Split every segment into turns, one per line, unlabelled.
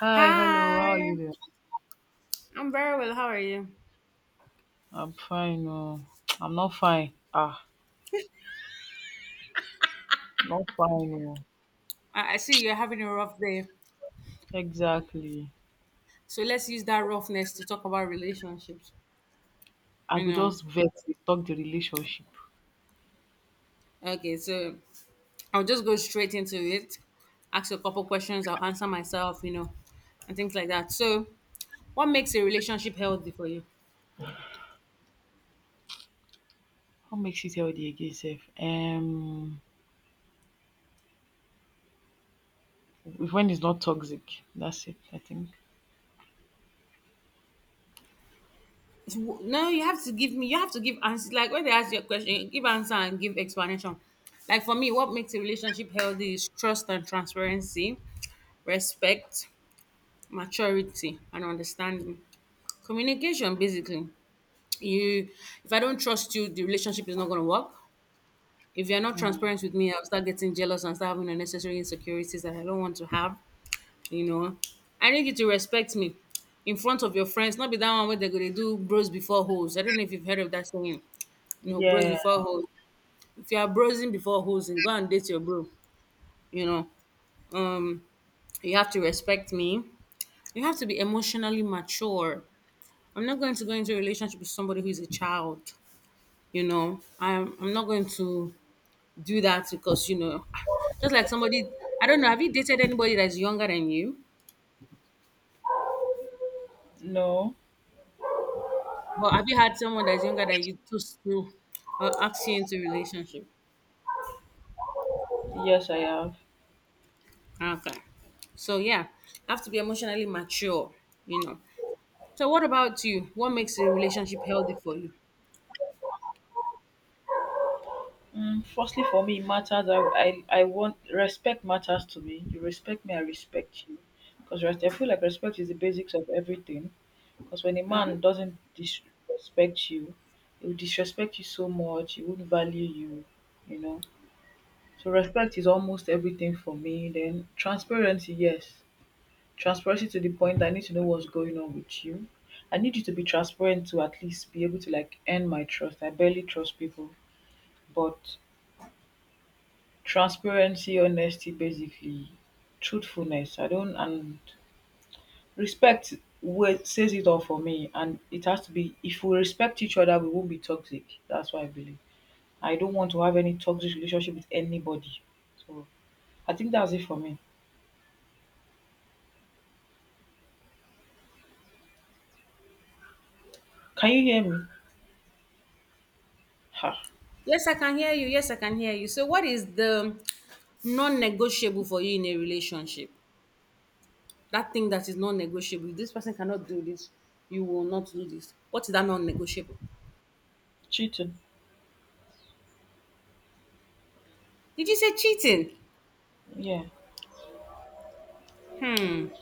Hi, hello.
Hi,
How are you doing?
I'm very well. How are you?
I'm fine. Oh, I'm not fine. Ah, not fine. Oh,
I see you're having a rough day.
exactly.
So let's use that roughness to talk about relationships.
I
You
could
know,
just vex dey talk the relationship.
okay, so I'll just go straight into it, ask you a couple questions, I'll answer myself, you know, and things like that. So, what makes a relationship healthy for you?
What makes it healthy again, sef? When it's not toxic. That's it, I think.
W- No, you have to give me, you have to give answers. Like when they ask you a question, give answer and give explanation. Like for me, what makes a relationship healthy is trust and transparency, respect, maturity and understanding. Communication basically. You if I don't trust you, the relationship is not gonna work. If you're not
Mm.
transparent with me, I'll start getting jealous and start having unnecessary insecurities that I don't want to have, you know. I need you to respect me in front of your friends, not be that one where they're gonna do bros before hoes. I don't know if you've heard of that saying, you know, bros
Yeah.
before hoes. If you are brosing before hoes, then go and date your bro, you know. Um, you have to respect me. You have to be emotionally mature. I'm not going to go into a relationship with somebody who is a child. You know, I'm not going to do that because you know, just like somebody, I don't know. Have you dated anybody that's younger than you?
No.
But have you had someone that's younger than you to ask you into a relationship?
Yes, I have.
Okay, so yeah, have to be emotionally mature. You know. So what about you? What makes a relationship healthy for you?
Mm, firstly, for me, it matters. I want respect matters to me. You respect me, I respect you. Because I feel like respect is the basics of everything. Because when a man doesn't disrespect you, he will disrespect you so much, he won't value you, you know. So respect is almost everything for me. Then transparency, yes. Transparency to the point that I need to know what's going on with you. I need you to be transparent to at least be able to like earn my trust. I barely trust people. But transparency, honesty basically, truthfulness. I don't and respect word says it all for me, and it has to be if we respect each other we won't be toxic. That's what I believe. I don't want to have any toxic relationship with anybody. So I think that's it for me. Can you hear me? Ha.
Yes, I can hear you. Yes, I can hear you. So what is the non-negotiable for you in a relationship? That thing that is non-negotiable, if this person cannot do this you will not do this, what is that non-negotiable?
Cheating.
Did you say cheating?
Yeah.
Hmm,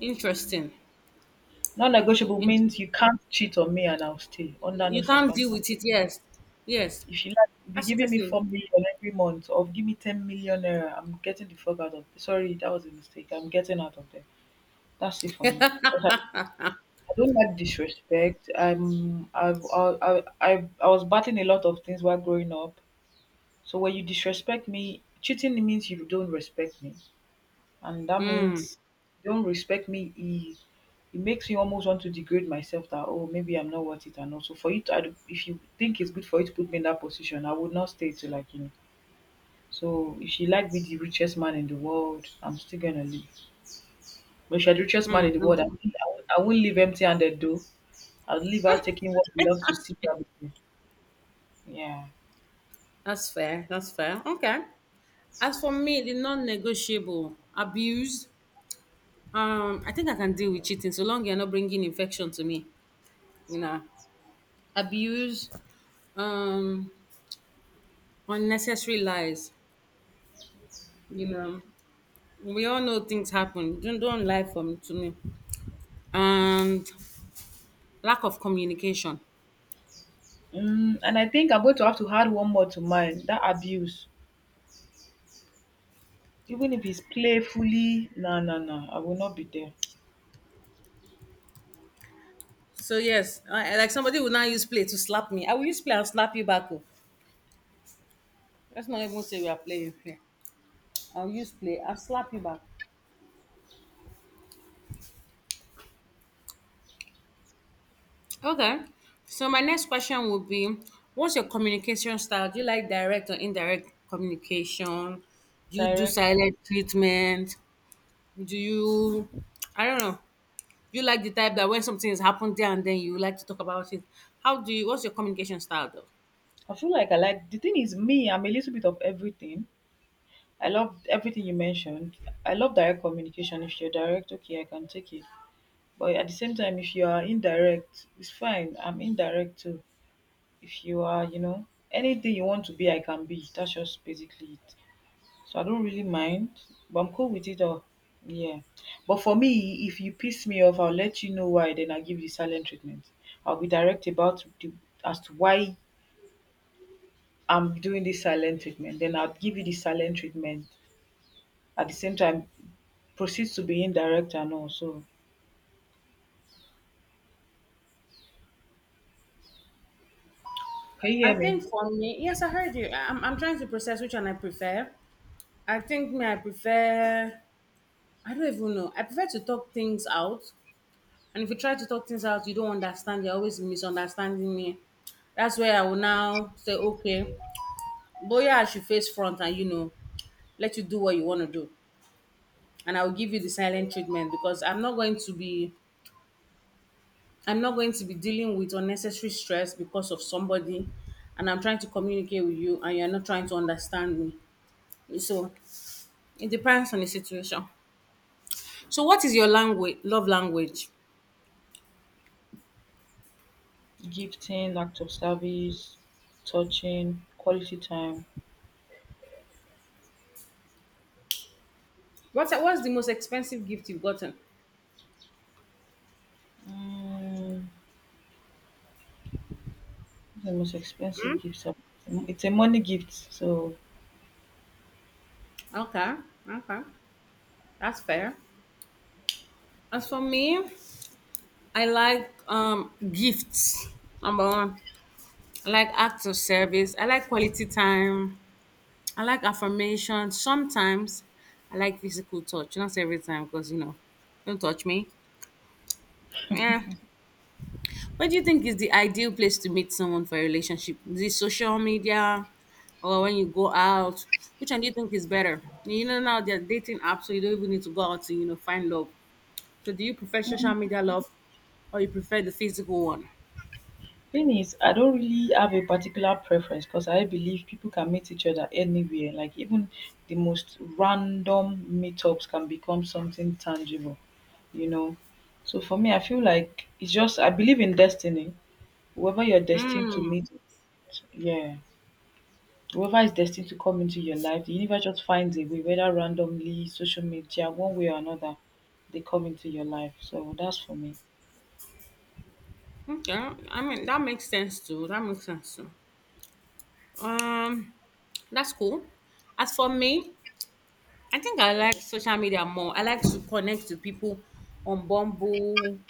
interesting.
Non negotiable
Int-
means you can't cheat on me and I'll stay under no
you can't deal
circumstance.
with it, yes, yes,
If you like be
that's
giving me
interesting.
4 million every month or give me 10 million naira, I'm getting the fuck out of sorry, that was a mistake. I'm getting out of there. That's it for me. 'Cause I don't like disrespect. I'm I've I was battling a lot of things while growing up. So when you disrespect me, cheating means you don't respect me, and that
Hmm.
means you don't respect me. It makes you almost want to degrade myself. That oh maybe I'm not worth it, and also for you to I don't- if you think it's good for you to put me in that position, I would not stay to like, you know. So if you like be the richest man in the world, I'm still gonna leave. But if you're the richest man
Hmm.
in the world, I
Hmm.
think I won't- I won't leave empty-handed though. I'll leave out taking what we love to seek everything. Yeah.
That's fair. That's fair. Okay. As for me, the non-negotiable abuse. I think I can deal with cheating so long you're not bringing infection to me. You know, abuse, um, unnecessary lies. You know, we all know things happen. Don't lie from to me. And lack of communication.
Mm, and I think I'm going to have to add one more to mine, that abuse. Even if it's playfully, no, no, no, I will not be there.
So yes, I like somebody will now use play to slap me. I will use play and slap you back. Oh. Let's not even say we are playing here. I'll use play. I'll slap you back. Okay. So my next question would be, what's your communication style? Do you like direct or indirect communication? Do you do
Direct.
silent treatment? Do you? I don't know. You like the type that when something has happened there and then you like to talk about it. How do you? What's your communication style though?
I feel like I like, the thing is, me, I'm a little bit of everything. I love everything you mentioned. I love direct communication. If you're direct, okay, I can take it. But at the same time, if you are indirect, it's fine. I'm indirect too. If you are, you know, anything you want to be, I can be. That's just basically it. So I don't really mind, but I'm cool with it all. Yeah. But for me, if you piss me off, I'll let you know why, then I'll give you silent treatment. I'll be direct about the, as to why I'm doing this silent treatment. Then I'll give you the silent treatment. At the same time, proceeds to be indirect and all. So can you
I
hear me?
think for me, yes, I heard you. I- am I'm trying to process which one I prefer. I think me, I prefer, I don't even know. I prefer to talk things out. And if you try to talk things out, you don't understand. You're always misunderstanding me. That's where I will now say, okay, but yeah, I should face front and, you know, let you do what you want to do. And I will give you the silent treatment because I'm not going to be I'm not going to be dealing with unnecessary stress because of somebody and I'm trying to communicate with you and you're not trying to understand me. So it depends on the situation. So what is your language love language?
Gifting, act of service, touching, quality time.
What's the most expensive gift you've gotten?
Mm, the most expensive gifts are- it's a money gift, so
Okay, okay. That's fair. As for me, I like gifts. Number one. I like acts of service. I like quality time. I like affirmation. Sometimes I like physical touch. Not every time, because you know, don't touch me. Yeah. What do you think is the ideal place to meet someone for a relationship? Is it social media or when you go out? Which one do you think is better? You know, now there are dating apps, so you don't even need to go out to, you know, find love. So do you prefer social media love or you prefer the physical one?
thing is I don't really have a particular preference cos I believe people can meet each other anywhere, like even the most random meetups can become something tangible, you know. So for me I feel like it's just I believe in destiny, whoever you're destined to
Mm,
meet, yeah, whoever is destined to come into your life the universe just finds a way, whether randomly, social media, one way or another, they come into your life. So that's for me.
okay. I mean, that makes sense too. That makes sense too. Um, that's cool. As for me, I think I like social media more. I like to connect to people on Bumble,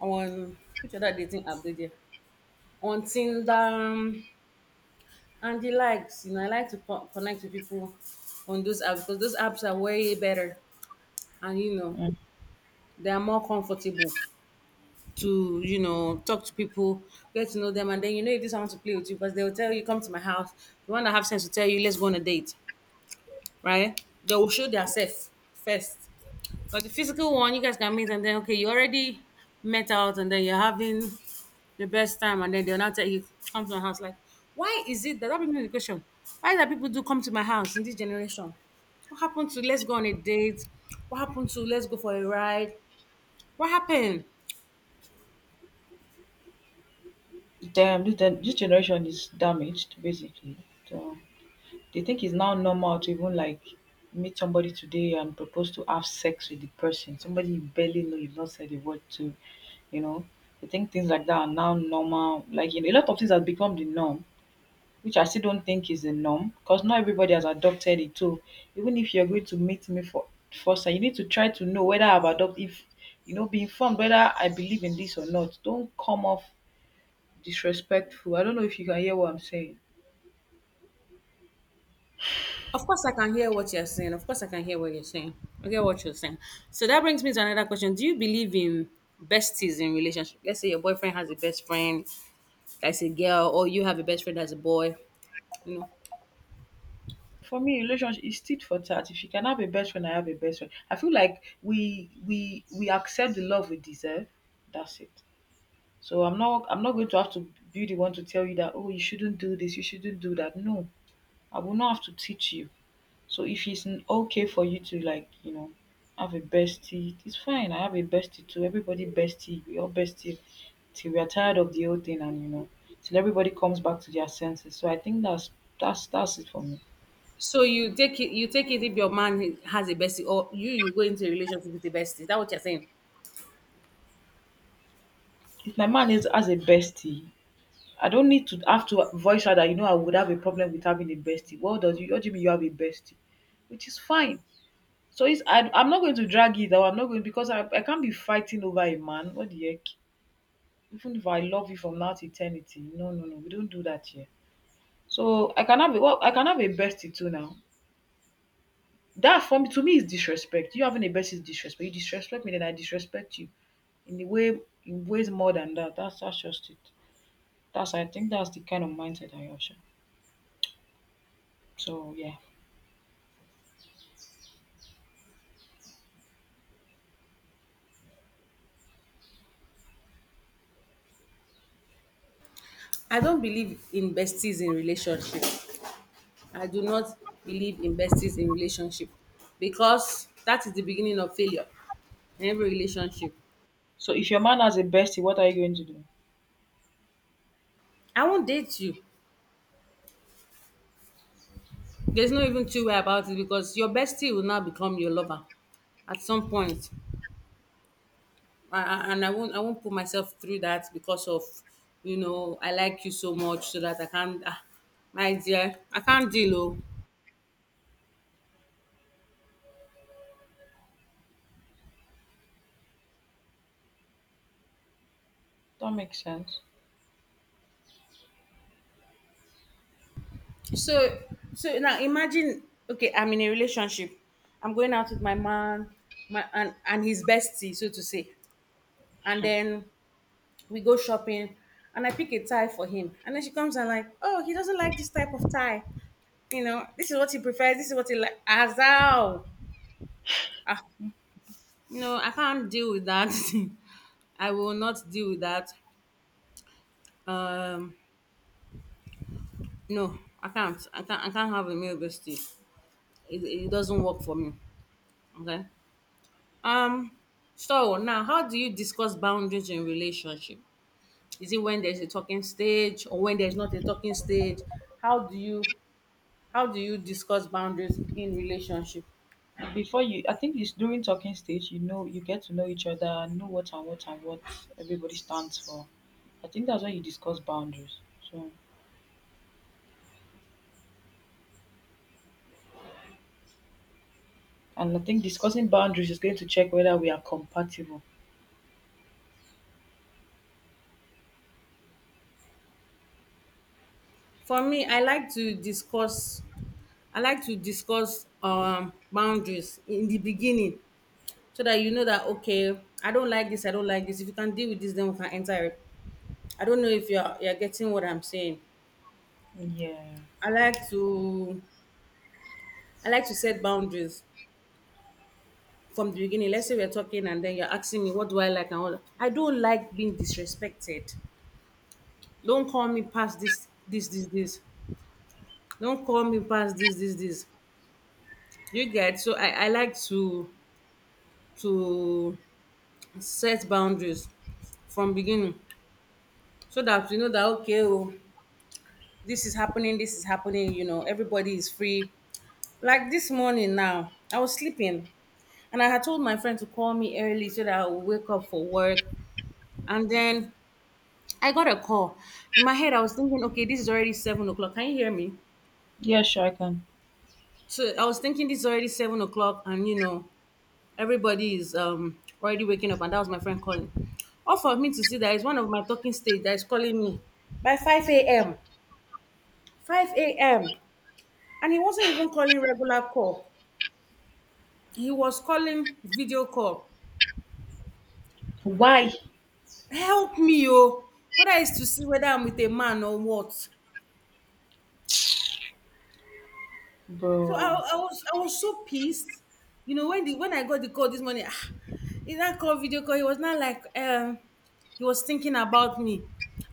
on which other dating app did there? On Tinder and the likes. You know, I like to co- connect to people on those apps because those apps are way better and you know
Mm.
they are more comfortable to you know talk to people, get to know them, and then you know if this one wants to play with you because they will tell you come to my house. The one that have sense will tell you let's go on a date, right? They will show their self first. But the physical one, you guys can meet and then okay, you already met out and then you're having the best time and then they'll not tell you come to my house. Like, why is it that that brings me to the question? Why that people do come to my house in this generation? What happened to let's go on a date? What happened to let's go for a ride? What happened?
Damn, this gen- this generation is damaged basically, so they think it's now normal to even like meet somebody today and propose to have sex with the person? Somebody you barely know, you've not said a word to, you know? They think things like that are now normal. Like you know, a lot of things have become the norm, which I still don't think is the norm because not everybody has adopted it too. Even if you're going to meet me for first, you need to try to know whether I've adopted, if you know, be informed whether I believe in this or not. Don't come off disrespectful. I don't know if you can hear what I'm saying.
Of course I can hear what you're saying. Of course I can hear what you're saying. I get what you're saying. So that brings me to another question. Do you believe in besties in relationship? Let's say your boyfriend has a best friend that's a girl, or you have a best friend that's a boy you know.
For me, relationship is tit for tat. If you can have a best friend, I have a best friend. I feel like we accept the love we deserve. That's it. So I'm not going to have to be the one to tell you that oh you shouldn't do this, you shouldn't do that. No, I will not have to teach you. So if it's n- okay for you to like you know have a bestie, it's fine. I have a bestie too. Everybody bestie. We all bestie till we are tired of the whole thing, and you know till everybody comes back to their senses. So I think that's it for me.
So you take it if your man has a bestie, or you go into a relationship with a bestie. Is that what you're saying?
If my man is as a bestie, I don't need to have to voice out that you know I would have a problem with having a bestie. What does you what do you mean you have a bestie? Which is fine. So it's I I'm not going to drag it, or I'm not going because I can't be fighting over a man. What the heck? Even if I love you from now to eternity. No, no, no. We don't do that here. So I can have a well, I can have a bestie too now. That for me, to me, is disrespect. You having a bestie is disrespect. You disrespect me, then I disrespect you in a way, in ways more than that. That's just it. That's I think that's the kind of mindset I have, sha. So yeah.
I don't believe in besties in relationship. I do not believe in besties in relationship because that is the beginning of failure in every relationship.
So if your man has a bestie, what are you going to do?
I won't date you. There's no even two-way about it because your bestie will now become your lover at some point. I and I won't put myself through that because of you know I like you so much so that I can't ah, my dear I can't deal oh.
That makes sense.
So so now imagine okay I'm in a relationship I'm going out with my man my and his bestie so to say and then we go shopping and I pick a tie for him and then she comes and like oh he doesn't like this type of tie you know this is what he prefers this is what he like as no, I can't deal with that. I will not deal with that. Um, no, I can't. I can't. I can't have a male bestie. It doesn't work for me. Okay. Um. So now, how do you discuss boundaries in relationship? Is it when there's a talking stage or when there's not a talking stage? How do you discuss boundaries in relationship?
Before you, I think it's during talking stage. You know, you get to know each other, know what and what and what everybody stands for. I think that's why you discuss boundaries. So, and I think discussing boundaries is going to check whether we are compatible.
For me, I like to discuss boundaries in the beginning so that you know that okay I don't like this I don't like this if you can deal with this then we can enter it. I don't know if you're you're getting what I'm saying.
Yeah.
I like to i like to set boundaries from the beginning. Let's say we're talking and then you're asking me what do I like and all that. I don't like being disrespected. Don't call me past this this this this don't call me past this this this You get so I like to set boundaries from beginning so that you know that okay oh this is happening, you know, everybody is free. Like this morning now, I was sleeping and I had told my friend to call me early so that I would wake up for work. And then I got a call. In my head, I was thinking, okay, this is already 7 o'clock. Can you hear me?
Yeah, sure, I can.
So I was thinking this is already 7 o'clock and you know, everybody is already waking up, and that was my friend calling. Off of me to see that it's one of my talking stage that is calling me by 5 a.m. 5 a.m. And he wasn't even calling regular call. He was calling video call.
Why,
Help me oh, whether it's to see whether I'm with a man or what. so i,
bro?
I was so pissed, you know, when the when I got the call this morning. Ah, in that call, video call, he was not like he was thinking about me.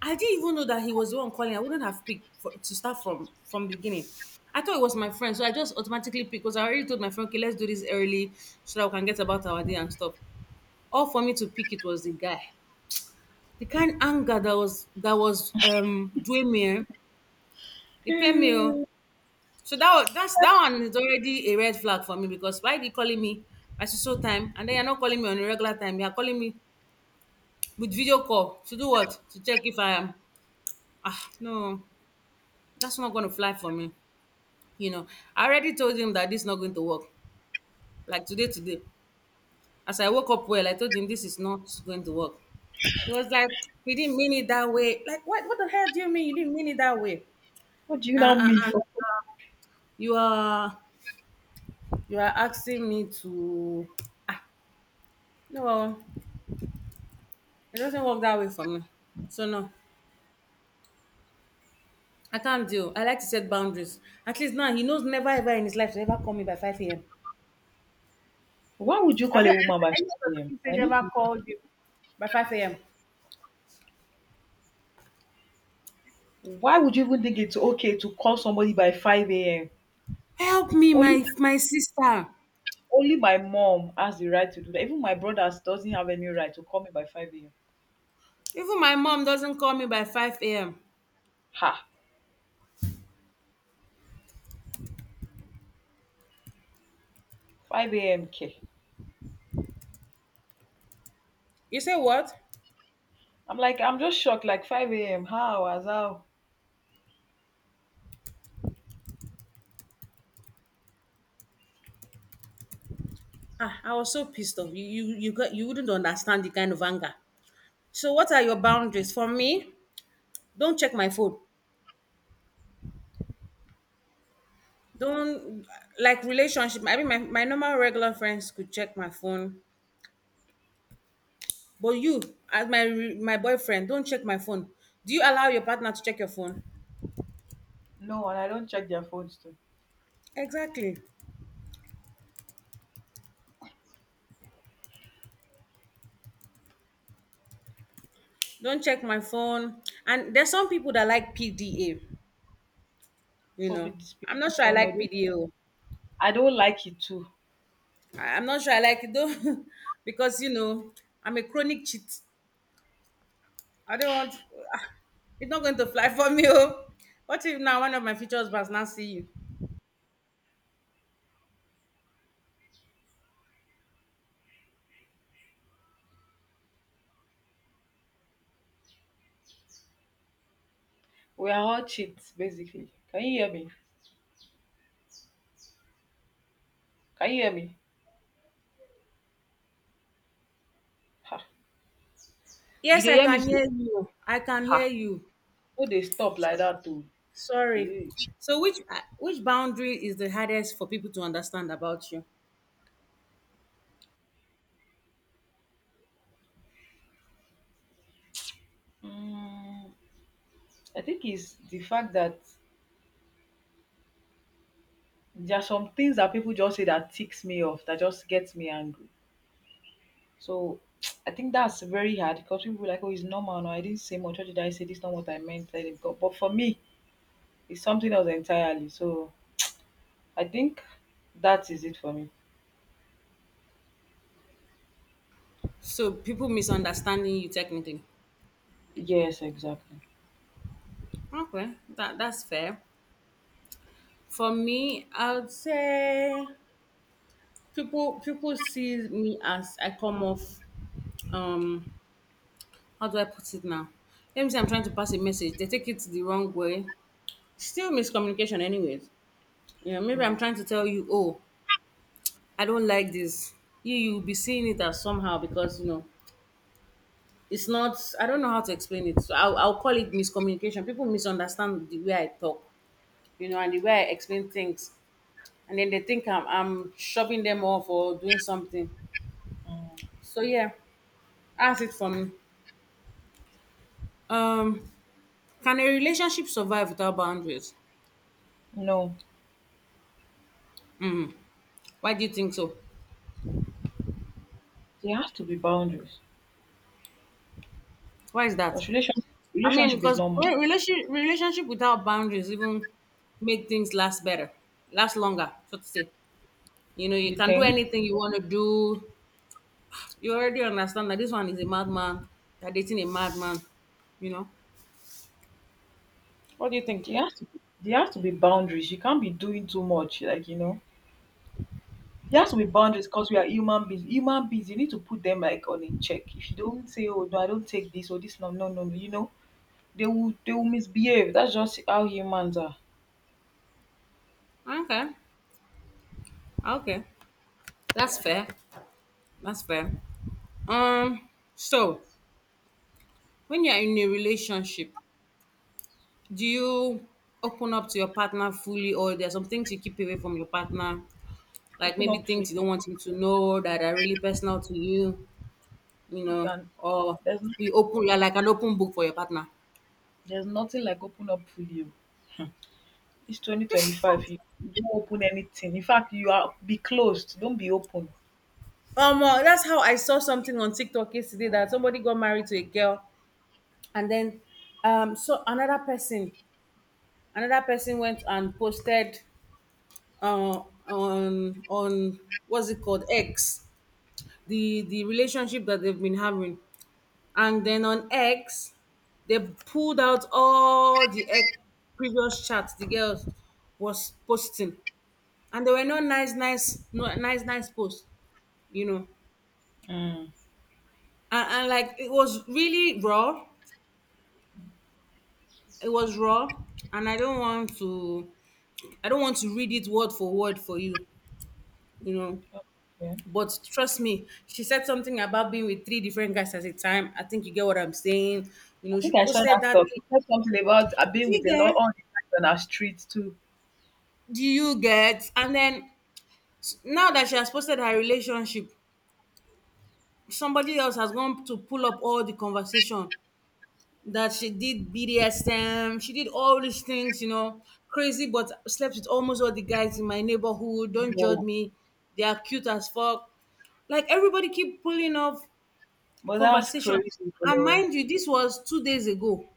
I didn't even know that he was the one calling. I wouldn't have picked to start from the beginning. I thought it was my friend, so I just automatically picked because I already told my friend, okay, let's do this early so that we can get about our day and stuff. All for me to pick, it was the guy. The kind anger that was doing me, it paid me. Oh. So that's that one is already a red flag for me. Because why are you calling me at so so time, and then you're not calling me on a regular time, you're calling me with video call to do what? To check if I am? Ah no, that's not gonna fly for me. You know, I already told him that this is not going to work. Like today today. As I woke up well, I told him this is not going to work. He was like, he didn't mean it that way. Like, what the hell do you mean you didn't mean it that way?
What do you now
Uh, uh,
mean
uh,
for?
you are, you are asking me to, ah no, it doesn't work that way for me. So no, I can't deal. I like to set boundaries. At least now he knows never ever in his life to ever call me by 5 a.m.
Why would you
Have
call
you
a woman by
answered? Any of your
5 a.m.?
talking
I
stage
need
ever
to-
called you by 5 a.m.?
Why would you even think it's okay to call somebody by 5 a.m.?
Help me,
Only
my sister.
Only my mom has the right to do that. Even my brothers doesn't have any right to call me by 5 a.m.
Even my mom doesn't call me by 5 a.m.
Ha! 5 a.m. K.
You say what?
I'm like, I'm just shocked. Like 5 a.m. How? As how?
Ah, I was so pissed off. You got, you wouldn't understand the kind of anger. So what are your boundaries? For me, don't check my phone. Don't, like, relationship, I mean, my normal regular friends could check my phone, but you, as my boyfriend, don't check my phone. Do you allow your partner to check your phone?
No, and I don't check their phones too.
Exactly. Don't check my phone. And there's some people that like PDA, you know.
Public display.
I'm not sure I
No, no,
like
no.
PDA oh.
I don't like it too.
I'm not sure I like it though because you know, I'm a chronic cheat. I don't want, ah, it's not going to fly for me oh. What if now one of my future husbands now see you?
We are all cheats, basically. Can you hear me? Can you hear me? Ha! You
Yes,
dey
I
hear
can
me? So?
hear you, I can hear
Ha!
you.
No, they stop like that too.
Sorry.
Hey.
So which boundary is the hardest for people to understand about you?
Mm, I think it's the fact that there are some things that people just say that ticks me off, that just gets me angry. So I think that's very hard because people be like, oh, it's normal. No, I didn't say much. What did I say? This is not what I meant. Let it go. But for me, it's something else entirely. So I think that is it for me.
So people misunderstanding you, technically.
Yes, exactly.
Okay, that's fair. For me, I would say people see me as I come off. Um, how do I put it now? Let me say I'm trying to pass a message. They take it the wrong way. Still miscommunication, anyways. You know, maybe I'm
Mm,
trying to tell you, oh, I don't like this. You you'll be seeing it as somehow, because you know, it's not, I don't know how to explain it, so I'll call it miscommunication. People misunderstand the way I talk, you know, and the way I explain things, and then they think I'm shoving them off or doing something.
mm.
So yeah, that's it for me. Um, can a relationship survive without boundaries?
No,
Why do you think so?
there has to be boundaries.
Why is that?
Because
I mean,
relationship is
because
normal.
relationship without boundaries even make things last better, last longer, so to say. You know, you
You
can do
think
anything you want to do. You already understand that this one is a madman. They're dating a madman. You know. What do you think?
there has to be, there has to be boundaries. You can't be doing too much. Like you know, there has to be boundaries because we are human beings. Human beings, you need to put them like on a check. If you don't say, oh no, I don't take this or this, no, no, no, no, you know they will misbehave. That's just how humans are.
Okay. Okay. That's fair. That's fair. Um, so when you're in a relationship, do you open up to your partner fully, or there are some things you keep away from your partner? Like
Open
maybe
up
things
fully.
you don't want him to know that are really personal to you, you
You
know,
can.
or
There's no,
we open, you're like an open book for your partner.
there's nothing like open up fully. Oh. It's 2025. You, you don't open anything. In fact, you are be closed. Don't be open.
That's how I saw something on TikTok yesterday that somebody got married to a girl, and then so another person, went and posted, uh, on what's it called, X, the relationship that they've been having, and then on X, they pulled out all the previous chats the girls was posting. And there were no nice nice posts, you know,
Mm.
and like, it was really raw. It was raw. And I don't want to, I don't want to read it word for word for you, you know.
Yeah.
But trust me, she said something about being with 3 different guys at a time. I think you get what I'm saying. You
I
know, she
think I saw
posted
that
that
stuff.
thing.
You said something about I've
Do you
with a lot
get?
on the guys on our streets too.
Do you get? And then, now that she has posted her relationship, somebody else has gone to pull up all the conversation that she did BDSM, she did all these things, you know, crazy, but slept with almost all the guys in my neighborhood. Don't judge
No,
me. They are cute as fuck. Like, everybody keep pulling off
but that's
conversation.
crazy,
And
bro.
mind you, this was two days ago,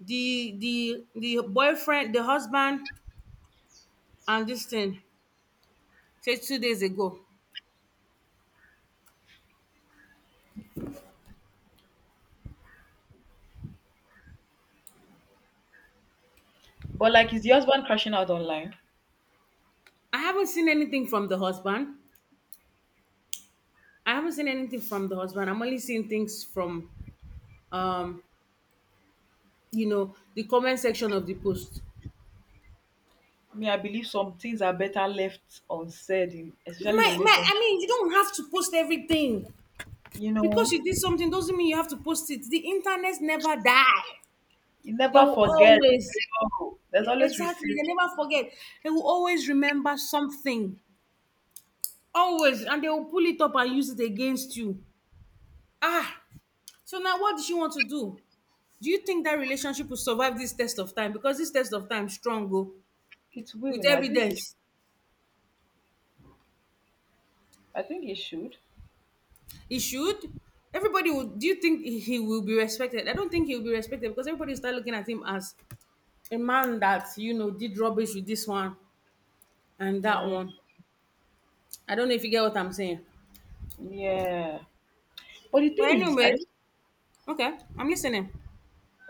the boyfriend, the husband, and this thing, say two days ago.
But like, is the husband crashing out online?
I haven't seen anything from the husband. I haven't seen anything from the husband. I'm only seeing things from, um, you know, the comment section of the post.
Me, I believe some things are better left unsaid, in, especially in
My,
relationship.
I mean, you don't have to post everything,
You
because
know,
you did something doesn't mean you have to post it. The internet never die.
you
They
never
will
forget.
always,
No, there's
yeah,
always
exactly, they
receipt.
never forget. They will always remember something. Always. And they will pull it up and use it against you. Ah, so now what does she want to do? Do you think that relationship will survive this test of time? Because this test of time strong, oh,
It
with
will. No, I think. It,
evidence.
I think it should.
It should. Everybody will. Do you think he will be respected? I don't think he will be respected, because everybody will start looking at him as a man that, you know, did rubbish with this one and that
Mm,
one. I don't know if you get what I'm saying.
yeah. But the
But
thing is, I
anyway,
don't.
okay, I'm listening.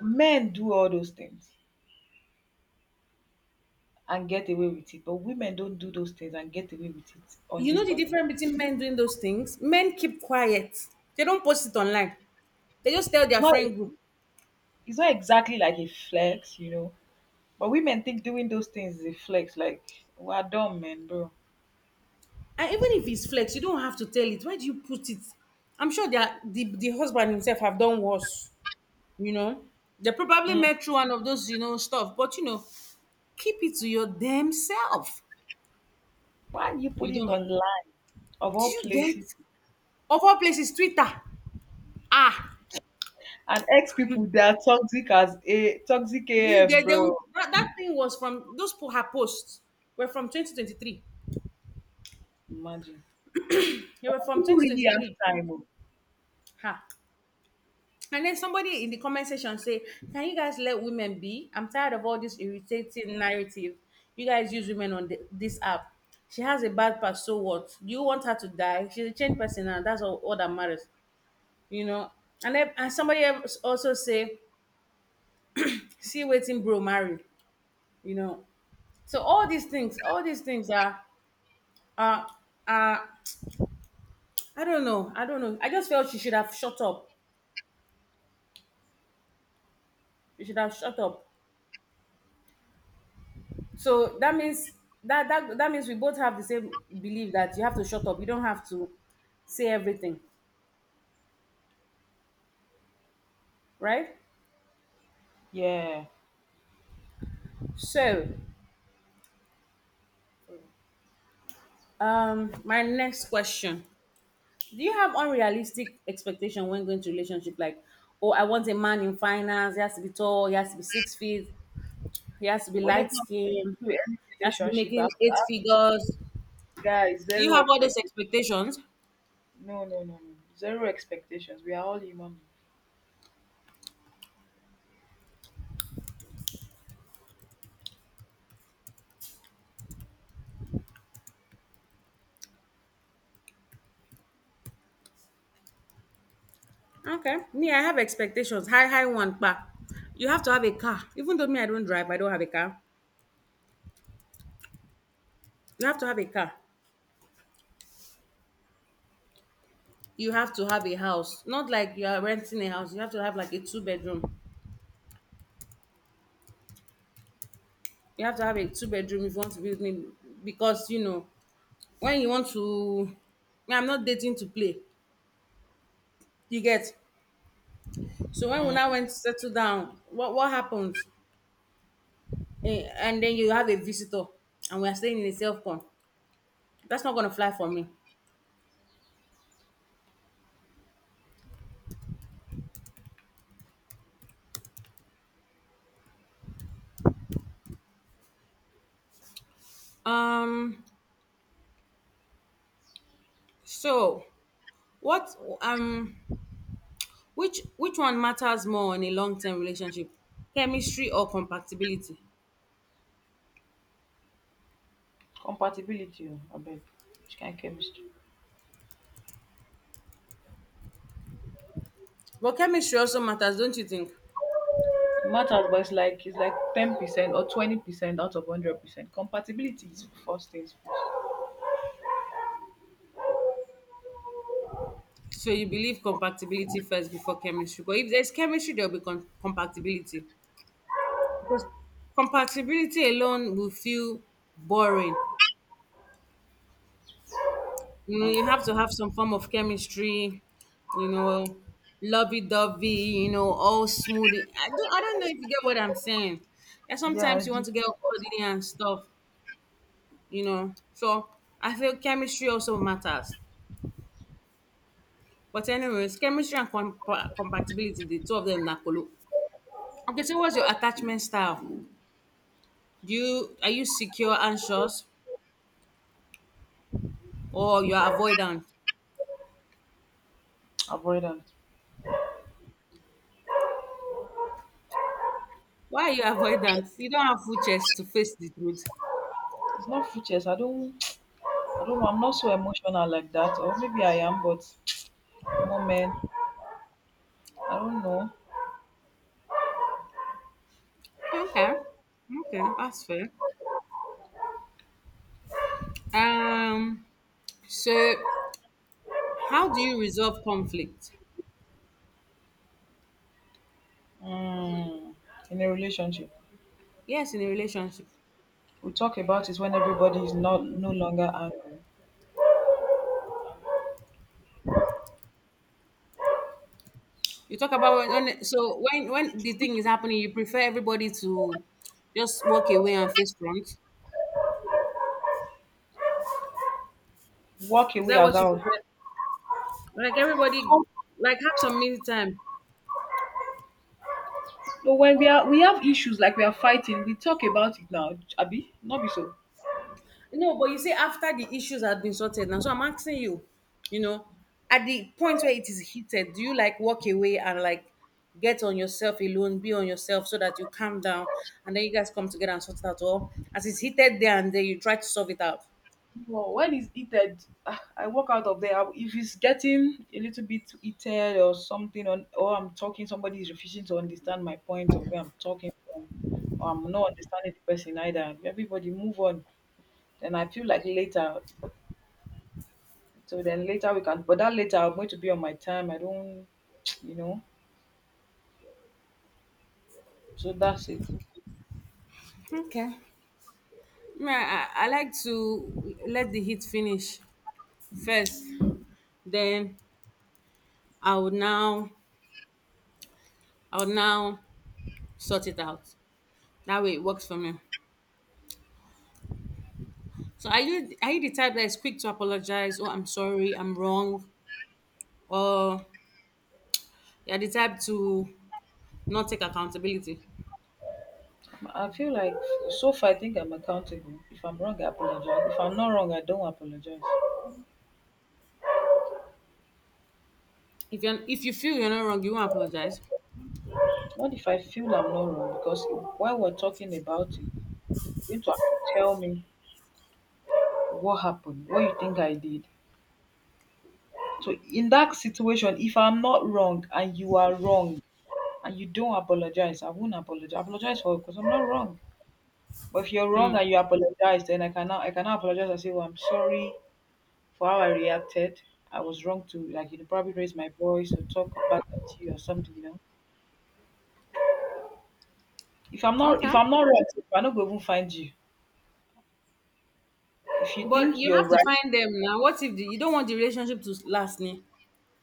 Men do all those things and get away with it, but women don't do those things and get away with it on
You know
this
the
part of.
difference between men doing those things? Men keep quiet. They don't post it online. They just tell
It's
their
not.
friend group.
It's not exactly like a flex, you know. But women think doing those things is a flex. Like, we're dumb, man, bro.
And even if it's flex, you don't have to tell it. Why do you put it? I'm sure that the husband himself have done worse, you know. They probably
Mm.
met through one of those, you know, stuff. But you know, keep it to your damn self.
Why are you
You
putting it
don't,
online of
do
all
you get,
places?
of all places, Twitter. Ah,
And ex people, they are toxic as a toxic
do you
AF,
get, they
bro.
will, that thing was from those her posts were from 2023.
Imagine.
They were from
People really have
2023.
time. Oh.
Ha. And then somebody in the comment section say, "Can you guys let women be? I'm tired of all this irritating narrative. You guys use women on this app. She has a bad past, so what? Do you want her to die? She's a changed person, and all that matters, you know." And then, and somebody else also say, "See, waiting, bro, married, you know." So all these things are are. I don't know. I don't know. I just felt she should have shut up. She should have shut up. So that means that means we both have the same belief that you have to shut up. You don't have to say everything, right?
Yeah.
So, my next question: Do you have unrealistic expectation when going to relationship? Like, oh, I want a man in finance. He has to be tall. He has to be six feet. He has to be
Whenever
light
I'm
skinned.
going into any
He has to be
relationship, I have
making
to
eight
ask
figures.
guys
Do you
zero
have all those
expectations.
expectations?
No, no, no, no, no. Zero expectations. We are all human.
Okay. Me, I have expectations. High, high one, pa. You have to have a car. Even though me, I don't drive, I don't have a car. You have to have a car. You have to have a house. Not like you are renting a house. You have to have like a 2 bedroom. You have to have a 2 bedroom if you want to build me, because you know, when you want to, me, I'm not dating to play. You get. So when we now
Mm.
went to settle down, what happened? Eh, and then you have a visitor and we are staying in a self con. That's not gonna fly for me. Um, so what, um, which one matters more in a long term relationship? Chemistry or compatibility?
Compatibility, oh, I beg. Which kind of chemistry?
But chemistry also matters, don't you think?
It matters, but it's like 10% or 20% out of 100%. Compatibility is first things.
So you believe compatibility first before chemistry. But if there's chemistry, there'll be compatibility. Because compatibility alone will feel boring. You know, you
Mm.
have to have some form of chemistry, you know, lovey dovey, you know, all smooth. I don't know if you get what I'm saying. And
Yeah, I
sometimes you
do.
want to get all cuddly and stuff, you know. So I feel chemistry also matters. But anyways, chemistry and compatibility, the two of them na kolo. Okay, so what's your attachment style? Do you are you secure, anxious, or you're avoidant?
Avoidant.
Why are you avoidant? You don't have full chest to face the truth.
It's not features. I don't know. I'm not so emotional like that. Or maybe I am, but moment. I don't know.
Okay. Okay, that's fair. Um, so how do you resolve conflict?
Mm, in a relationship.
Yes, in a relationship.
We talk about it when everybody is not no longer angry.
You talk about when so when the thing is happening, you prefer everybody to just walk away and face front.
Walk
Is
away
that
as
what you
out.
prefer? Like everybody, like have some me time.
But when we have issues like we are fighting, we talk about it now, Abi. Not be so.
No, but you see, after the issues have been sorted now, so I'm asking you, you know, at the point where it is heated, do you like walk away and like get on yourself alone, be on yourself so that you calm down and then you guys come together and sort it out? Or as it's heated there and then you try to solve it out?
Well, when it's heated, I walk out of there. If it's getting a little bit heated or something, on or I'm talking, somebody is refusing to understand my point of where I'm talking from, or I'm not understanding the person either. Everybody move on. Then I feel like later. So then later we can, but that later I'm going to be on my time. I don't, you know. So that's it.
Okay. Yeah, I like to let the heat finish first. Then I would now I would now sort it out. That way it works for me. So are you the type that is quick to apologize? Oh, I'm sorry, I'm wrong, or you're the type to not take accountability?
I feel like so far I think I'm accountable. If I'm wrong, I apologize. If I'm not wrong, I don't apologize.
If you feel you're not wrong, you won't apologize.
What if I feel I'm not wrong? Because while we're talking about it, you need to tell me what happened, what you think I did. So in that situation, if I'm not wrong and you are wrong and you don't apologize, I won't apologize. I apologize for because I'm not wrong. But if you're wrong
Mm,
and you apologize, then I cannot apologize and say, well, I'm sorry, for how I reacted. I was wrong to like probably raise my voice or talk back at you or something. You know, if I'm not
okay,
if I'm not right, I'm not gonna even find you. If you
but
think
you
you're
have to
right,
find them now. What if the, you don't want the relationship to last? Ni?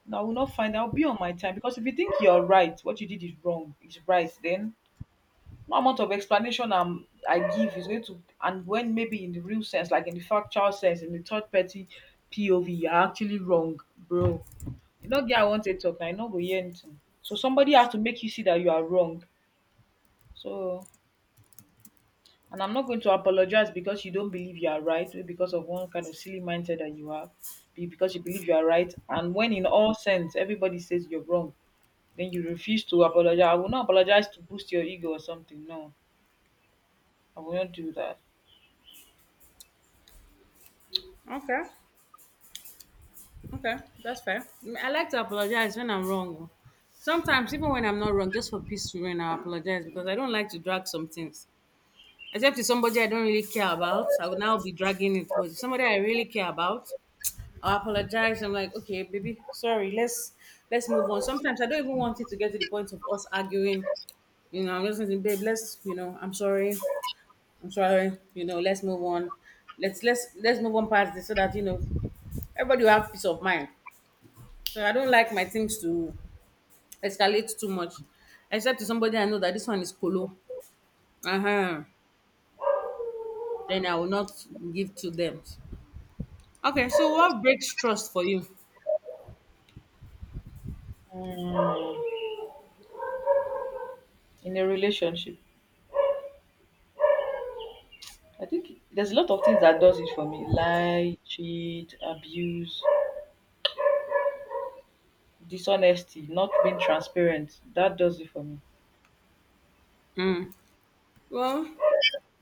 no, I will not find. I'll be on my time because if you think you're right, what you did is wrong. It's right then. No amount of explanation I give is going to, and when maybe in the real sense, like in the factual sense, in the third party POV, you're actually wrong, bro. You know, girl, I want to talk, I know go hear anything. So somebody has to make you see that you are wrong. So. And I'm not going to apologize because you don't believe you are right, maybe because of one kind of silly mindset that you have, because you believe you are right. And when in all sense everybody says you're wrong, then you refuse to apologize. I will not apologize to boost your ego or something. No, I will not do that.
Okay, okay, that's fair. Mm, I like to apologize when I'm wrong. Oh. Sometimes even when I'm not wrong, just for peace, when I apologize because I don't like to drag some things. Except it's somebody I don't really care about, I would now be dragging it. But it's somebody I really care about, I apologize. I'm like, okay, baby, sorry. Let's move on. Sometimes I don't even want it to get to the point of us arguing. You know, I'm just saying, babe, let's, you know, I'm sorry, I'm sorry. You know, let's move on. Let's move on past this so that you know everybody will have peace of mind. So I don't like my things to escalate too much, except to somebody I know that this one is colo. Uh huh. Then I will not give to them. Okay, so what breaks trust for you?
Mm, in a relationship, I think there's a lot of things that does it for me: lie, cheat, abuse, dishonesty, not being transparent. That does it for me.
Well,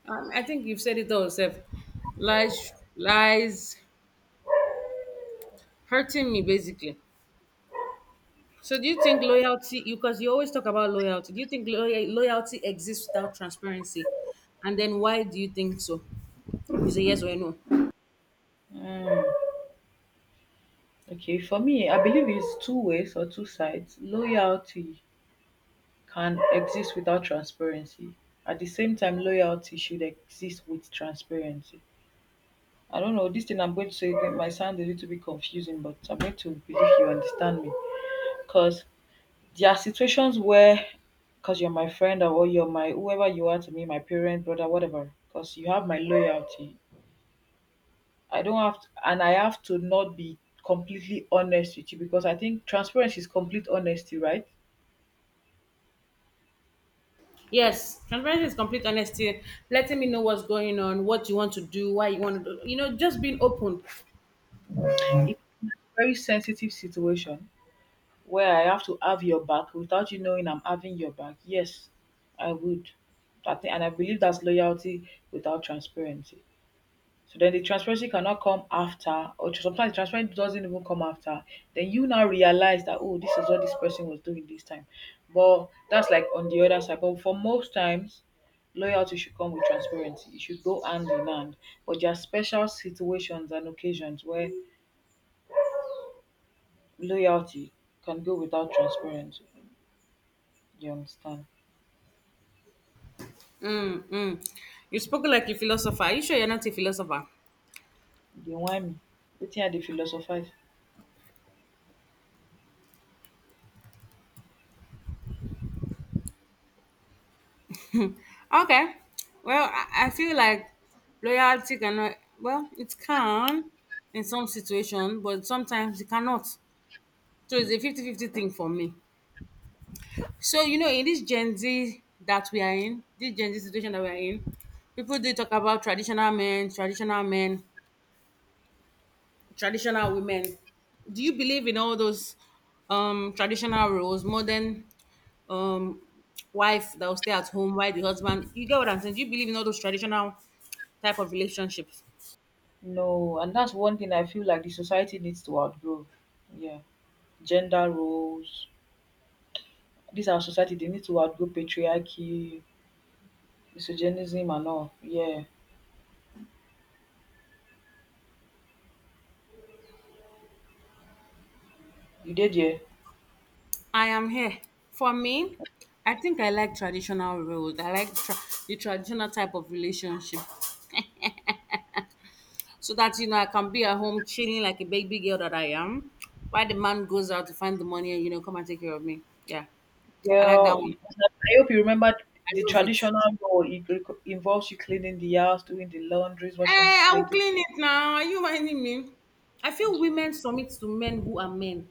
I think you've said it all yourself. Lies, lies, hurting me basically. So do you think loyalty? You because you always talk about loyalty. Do you think loyalty exists without transparency? And then why do you think so? Is a yes or a no?
Mm. Okay, for me, I believe it's two ways or two sides. Loyalty can exist without transparency. At the same time, loyalty should exist with transparency. I don't know, this thing I'm going to say again might sound a little bit confusing, but I'm going to believe you understand me. Because there are situations where, because you're my friend or you're my whoever you are to me, my parent, brother, whatever, because you have my loyalty. I don't have, to, and I have to not be completely honest with you because I think transparency is complete honesty, right?
Yes, transparency is complete honesty, letting me know what's going on, what you want to do, why you want to do. You know, just being open.
It's a very sensitive situation where I have to have your back without you knowing I'm having your back, yes, I would. I think, and I believe that's loyalty without transparency. So then the transparency cannot come after, or sometimes transparency doesn't even come after. Then you now realize that, oh, this is what this person was doing this time. But that's like on the other side. But for most times, loyalty should come with transparency. It should go hand in hand. But there are special situations and occasions where loyalty can go without transparency. You understand?
Mm. You spoke like a philosopher. Are you sure you're not a philosopher?
Dey whine me. Wetin I dey philosophize.
Okay. Well, I feel like loyalty cannot, well, it can in some situation, but sometimes it cannot. So it's a 50-50 thing for me. So, you know, in this Gen Z that we are in, this Gen Z situation that we are in, people do talk about traditional men, traditional men, traditional women. Do you believe in all those traditional roles, modern um, wife that will stay at home while the husband, you get what I'm saying? Do you believe in all those traditional type of relationships?
No, and that's one thing I feel like the society needs to outgrow. Yeah. Gender roles. This our society, they need to outgrow patriarchy, misogynism, and all. Yeah. You did, yeah.
I am here. For me, I think I like traditional roles. I like the traditional type of relationship so that, you know, I can be at home chilling like a baby girl that I am while the man goes out to find the money and, you know, come and take care of me. Yeah, I like that
Well,
one.
I hope you remember
I
the
love it.
traditional role involves you cleaning the house, doing the laundries,
Hey,
washing the
I will
plates.
clean it now. Are you minding me? I feel
Plate.
women submit to men who are men.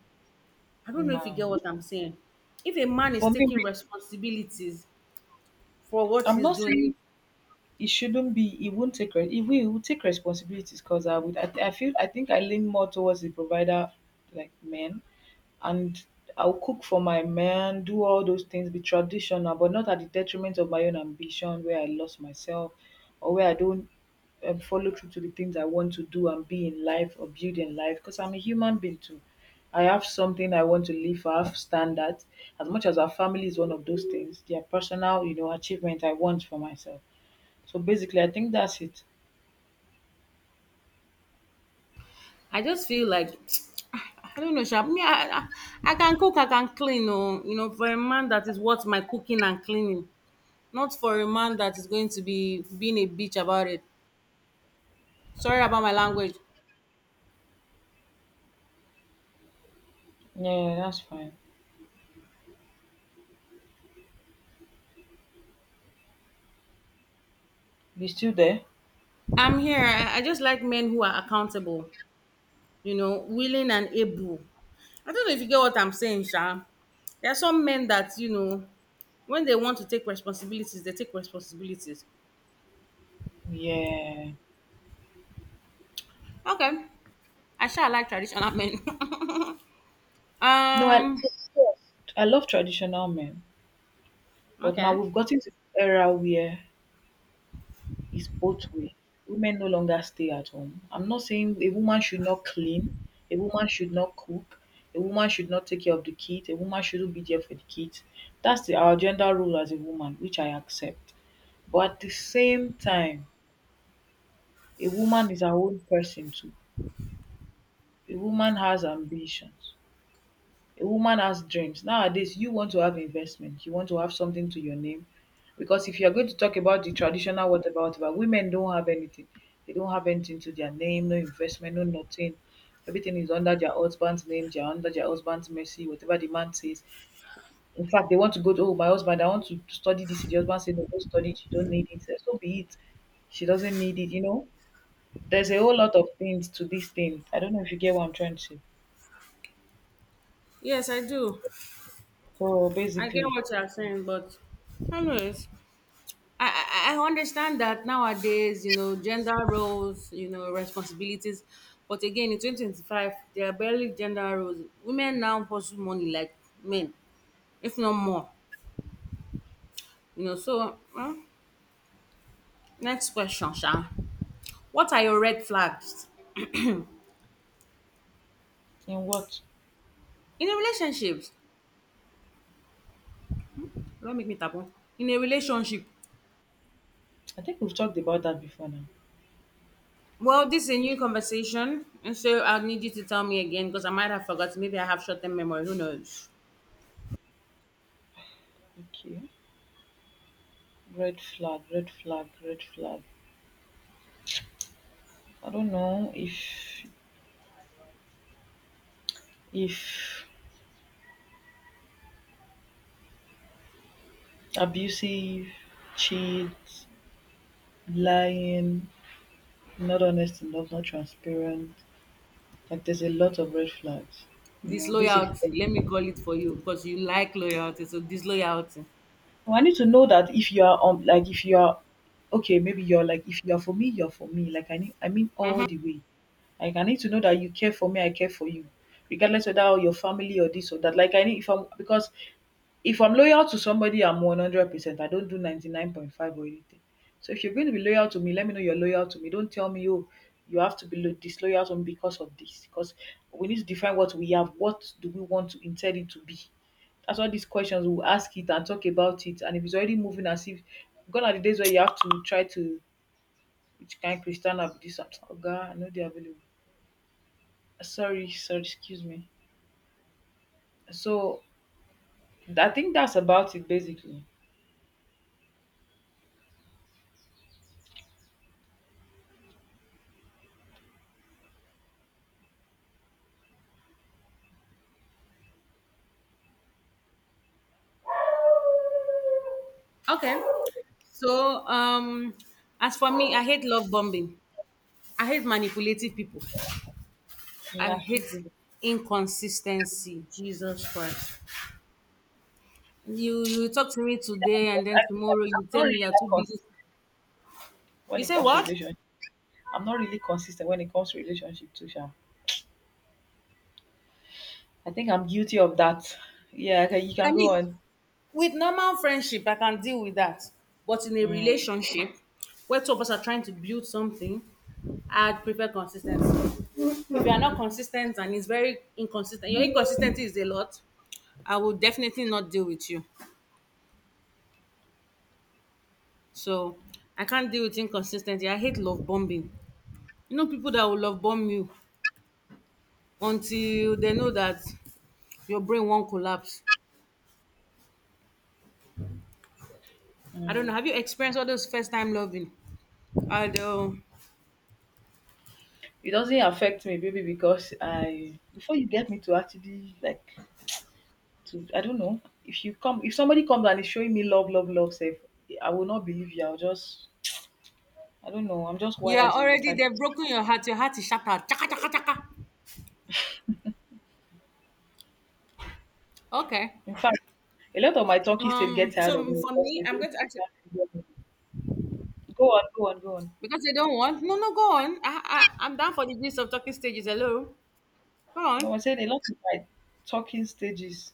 I don't know if you
Nah.
get what I'm saying. If a man
For
is
me,
taking responsibilities for what
I'm
he's
not
doing,
saying it shouldn't be. He won't take re- He will take responsibilities because I feel I think I lean more towards the provider, like men. And I'll cook for my man, do all those things, be traditional, but not at the detriment of my own ambition where I lost myself or where I don't follow through to the things I want to do and be in life or build in life because I'm a human being too. I have something I want to live for, I have standards. As much as our family is one of those things, their personal, achievement I want for myself. So basically, I think that's it.
I just feel like I don't know, sha. Me, I can cook, I can clean. Oh, you know, for a man that is worth my cooking and cleaning, not for a man that is going to be being a bitch about it. Sorry about my language.
Yeah, that's fine. You still there?
I'm here. I just like men who are accountable. You know, willing and able. I don't know if you get what I'm saying, sha. There are some men that you know, when they want to take responsibilities, they take responsibilities.
Yeah.
Okay, I shall like traditional men.
No,
um,
I love traditional men, but now
okay.
we've gotten to the era where it's both way. Women no longer stay at home. I'm not saying a woman should not clean, a woman should not cook, a woman should not take care of the kids, a woman shouldn't be there for the kids. That's the, our gender role as a woman, which I accept. But at the same time, a woman is her own person too. A woman has ambitions. A woman has dreams. Nowadays, you want to have investment. You want to have something to your name. Because if you're going to talk about the traditional whatever, whatever, women don't have anything. They don't have anything to their name, no investment, no nothing. Everything is under their husband's name, they are under their husband's mercy, whatever the man says. In fact, they want to go to, oh, my husband, I want to study this. The husband said, no, don't study it, you don't need it. So be it. She doesn't need it. There's a whole lot of things to this thing. I don't know if you get what I'm trying to say.
Yes, I do.
So
I get
basically,
what you're saying, but anyways, I, I understand that nowadays, you know, gender roles, you know, responsibilities. But again, in 2025, there are barely gender roles. Women now pursue money like men, if not more. You know, so well, next question, Shan. What are your red flags
in what?
in a relationship? Don't make me taboo. In a relationship.
I think we've talked about that before now.
Well, this is a new conversation, and so I'll need you to tell me again because I might have forgotten. Maybe I have short-term memory. Who knows?
Okay. Red flag, red flag, red flag. I don't know if if abusive, cheat, lying, not honest enough, not transparent. Like there's a lot of red flags. You know, basically.
Disloyalty. Let me call it for you because you like loyalty. So disloyalty.
So I need to know that if you are like if you are okay, maybe you're like if you're for me, you're for me. Like I need, I mean, all the way. Like I need to know that you care for me, I care for you regardless whether you're family or this or that. Like I need if I'm because if I'm loyal to somebody, I'm 100%. I don't do 99.5 or anything. So if you're going to be loyal to me, let me know you're loyal to me. Don't tell me, oh, you have to be disloyal to me because of this. Because we need to define what we have. What do we want to intend it to be? That's why these questions we'll ask it and talk about it. And if it's already moving as if gone are the days where you have to try to which kind Christian up this up. Oh God, I know they're available. Sorry, sorry, excuse me. So I think that's about it basically.
Okay. So as for me, I hate love bombing. I hate manipulative people. I
Nah.
hate inconsistency. Jesus Christ. You talk to me today and
Because
then
I,
tomorrow
I'm
you
not
tell
really
me you're
that
too busy.
consistent
You
when it
say
comes to
what?
relationship. I'm not really consistent when it comes to relationship too, Sha. I think I'm guilty of that. Yeah, okay, you
I
can go
mean,
on.
with normal friendship, I can deal with that. But in a
Mm,
relationship where two of us are trying to build something, I'd prefer consistency. If you are not consistent and it's very inconsistent, your inconsistency is a lot, I will definitely not deal with you. So I can't deal with inconsistency. I hate love bombing. You know, people that will love bomb you until they know that your brain won't collapse. I don't
mm.
know. Have you experienced all those first time loving? I don't.
It doesn't affect me, baby, because I before you get me to actually like to I don't know if somebody comes and is showing me love, love, love, safe, I will not believe you. I'll just I don't know. I'm just
You are
wired in the
already
type.
they've broken your heart. Your heart is shattered. Chaka chaka chaka. Okay.
In fact, a lot of my talking still get tired of
So
me
for
because
me, I'm going to
they
ask you
can't get me. Go on, go on, go on.
because you don't want. No, no. Go on. I'm down for the business of talking stages. Hello. Go
No,
on.
I said a lot of my talking stages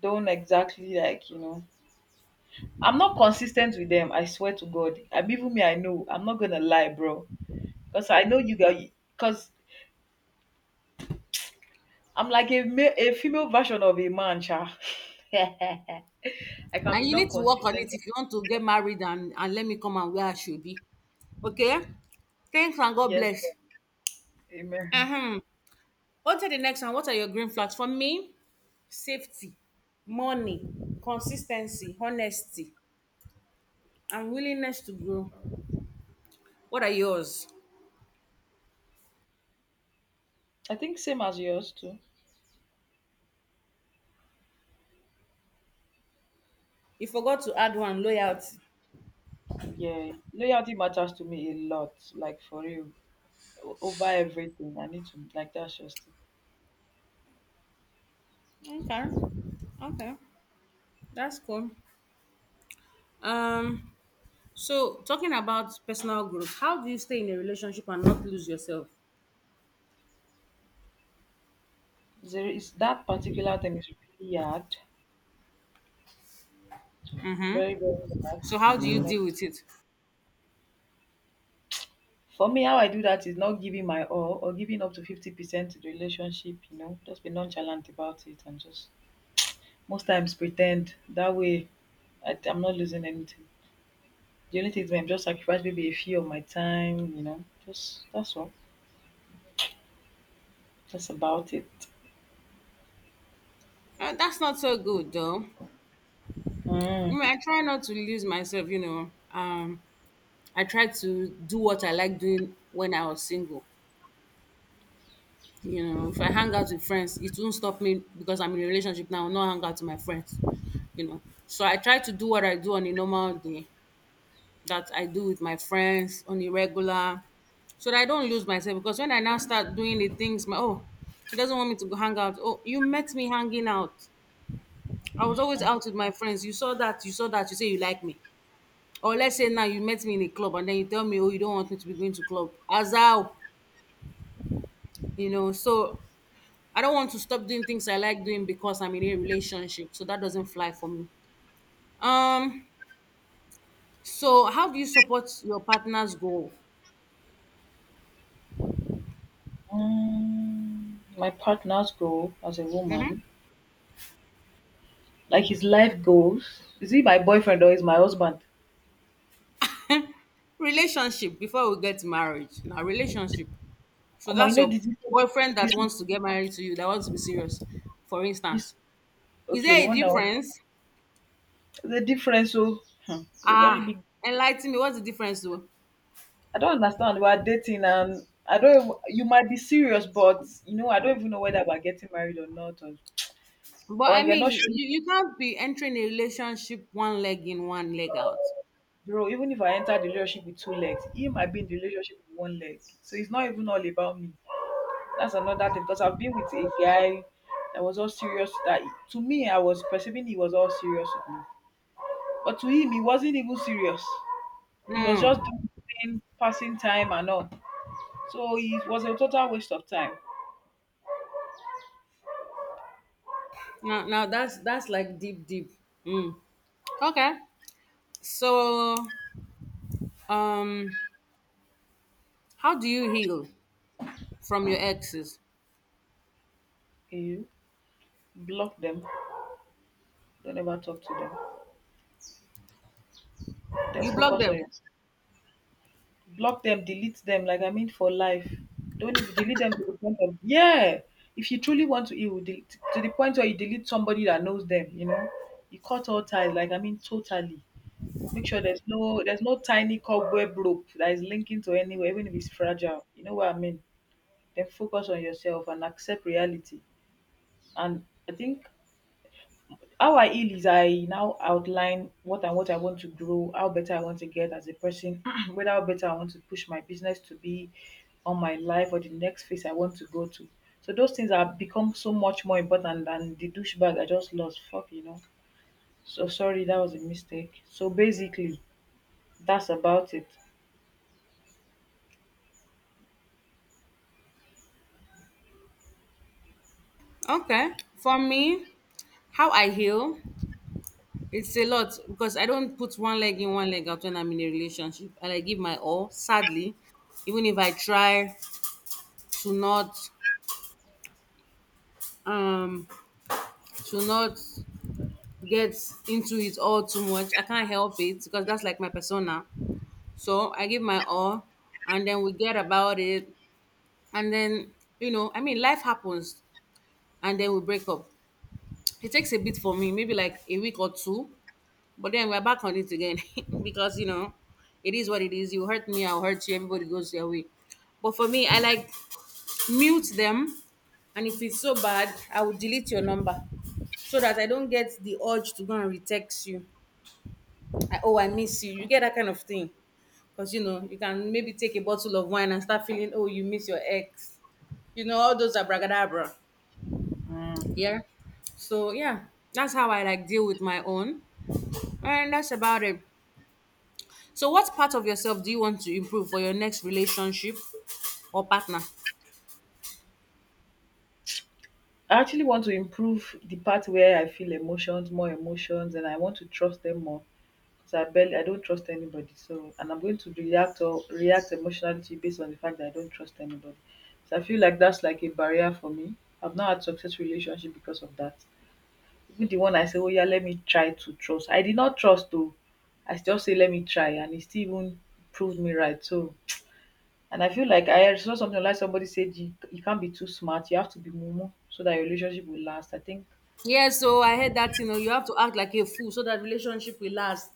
don't exactly like, I'm not consistent with them. I swear to God. I'm even me, I know. I'm not gonna lie, bro. Because I know you guys, because I'm like a, a female version of a man, cha. I can
And
be
you need
not
to work on
consistent.
it if you want to get married and let me come and where I should be. Okay. Thanks and God
Yes,
bless.
God. Amen.
Uh-huh. On to the next one. What are your green flags? For me, safety, money, consistency, honesty, and willingness to grow. What are yours?
I think same as yours too.
You forgot to add one loyalty.
Yeah, loyalty matters to me a lot, like for real, over everything. I need to like that's just
Okay. Okay. That's cool. Um so talking about personal growth, how do you stay in a relationship and not lose yourself?
it's that particular thing is really hard. Very, very hard.
So how do
I
you
mean, ob-
deal with it?
for me, how I do that is not giving my all or giving up to 50% to the relationship, just be nonchalant about it and just most times pretend that way I'm not losing anything. The only thing is I'm just sacrifice maybe a few of my time, just that's all. That's about it.
That's not so good though. I
Mm.
mean, I try not to lose myself, you know. I try to do what I like doing when I was single. You know, if I hang out with friends, it won't stop me because I'm in a relationship now, not hang out with my friends. You know. So I try to do what I do on a normal day that I do with my friends on a regular so that I don't lose myself because when I now start doing the things my oh he doesn't want me to go hang out. Oh, you met me hanging out. I was always out with my friends. You saw that, you saw that, you say you like me. Or let's say now you met me in a club and then you tell me, oh, you don't want me to be going to club. As how, you know, so I don't want to stop doing things I like doing because I'm in a relationship. So that doesn't fly for me. Um, so how do you support your partner's goal?
Mm. My partner's goal as a woman, like his life goals, is he my boyfriend or is my husband?
Relationship before we get marriage, now relationship. So
Oh, you
that's
know,
your
this, this,
boyfriend that
this,
wants to get married to you, that wants to be serious, for
is
instance. Is
okay,
there
the
a
one that
difference?
the difference so hmm, it's a very
Ah,
big.
enlighten me, what's the difference though?
I don't understand, we're dating and I don't even, you might be serious but I don't even know whether we're getting married or not, or,
But
or
I
you're not
mean,
sure.
you can't be entering a relationship one leg in, one leg out.
Bro, even if I enter the relationship with two legs, he might be in the relationship with one leg, so it's not even all about me. That's another thing, because I've been with a guy that was all serious, that to me I was perceiving he was all serious with me, but to him he wasn't even serious. He was just
Mm.
doing passing time and all, so it was a total waste of time.
Now that's like deep, deep. Mm. Okay. So, um, how do you heal from your exes?
You block them, don't ever talk to them, then
You block
focus on
them.
yourself. Block them, delete them, like I mean for life. Don't even delete them to the point of, yeah, if you truly want to, you will delete to the point where you delete somebody that knows them, you know. You cut all ties, like I mean totally. Make sure there's no tiny cobweb rope that is linking to anywhere, even if it's fragile, you know what I mean. Then focus on yourself and accept reality. And I think how I heal is I now outline what and what I want to grow, how better I want to get as a person, whether how better I want to push my business to be on my life, or the next phase I want to go to. So those things have become so much more important than the douchebag I just lost. Fuck, you know. So sorry, that was a mistake. So basically, that's about it.
Okay. For me, how I heal? It's a lot because I don't put one leg in, one leg out when I'm in a relationship and I give my all, sadly, even if I try to not um to not get into it all too much. I can't help it because that's like my persona. So I give my all and then we get about it and then you know, I mean life happens and then we break up. It takes a bit for me, maybe like a week or two. But then we're back on it again because you know, it is what it is. You hurt me, I'll hurt you. Everybody goes their way. But for me, I like mute them, and if it's so bad, I will delete your number so that I don't get the urge to go and retext you. I, oh, I miss you. You get that kind of thing because you can maybe take a bottle of wine and start feeling oh you miss your ex. You know all those abracadabra.
Mm.
Yeah. So yeah, that's how I like deal with my own, and that's about it. So, what part of yourself do you want to improve for your next relationship or partner?
I actually want to improve the part where I feel emotions, more emotions, and I want to trust them more. I don't trust anybody. So and I'm going to react or react emotionally to it based on the fact that I don't trust anybody. So I feel like that's like a barrier for me. I've not had successful relationship because of that. Even the one I say, oh yeah, let me try to trust. I did not trust though. I still say let me try and it still even proved me right. So and I feel like I saw something like somebody said you can't be too smart, you have to be mumu so that your relationship will last. I think
Yeah, so I heard that you have to act like a fool so that relationship will last.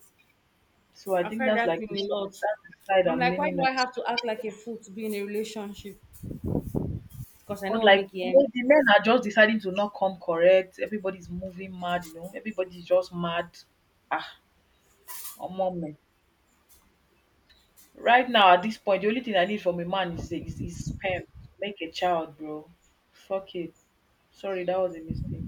so I
I've
think
heard
that's
that
like
thing a lot.
that's the side
I'm
I'm
like, why
leaning
do
on.
I have to act like a fool to be in a relationship? Because I know
'Cause
I'll
like,
make you
you
end.
know, the men are just deciding to not come correct, everybody's moving mad, you know, everybody's just mad. Ah! Omo meh. Right now at this point, the only thing I need from a man is sperm to make a child, bro. Fuck it. Sorry, that was a mistake.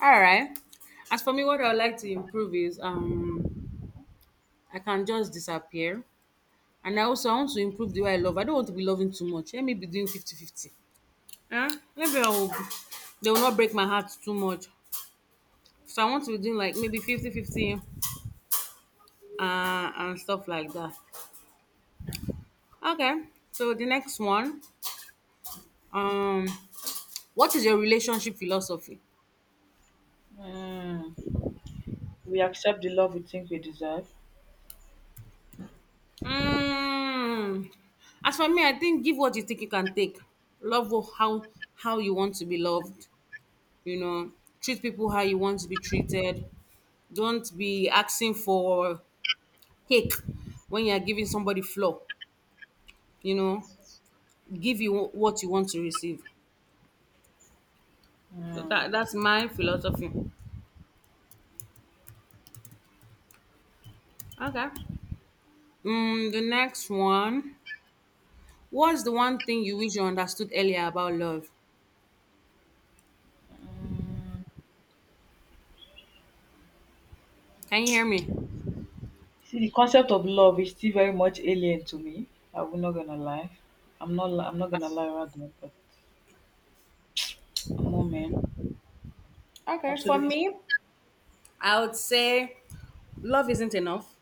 All right. As for me, what I would like to improve is I can just disappear. And I also I want to improve the way I love. I don't want to be loving too much. Let me be doing 50-50. Huh? Maybe I will they will not break my heart too much. So I want to be doing like maybe 50-50, 50 and stuff like that. Okay. So the next one. Um, what is your relationship philosophy?
Mm. We accept the love we think we deserve.
Mm. As for me, I think give what you think you can take. Love how you want to be loved. You know, treat people how you want to be treated. Don't be asking for cake when you're giving somebody floor. You know, give you what you want to receive. So
Mm.
that's my philosophy. Okay. The next one. What's the one thing you wish you understood earlier about love? Can you hear me?
See, the concept of love is still very much alien to me. I am not gonna lie. I'm not gonna lie rather, but omo man,
Okay, for
absolutely.
me, I would say love isn't enough.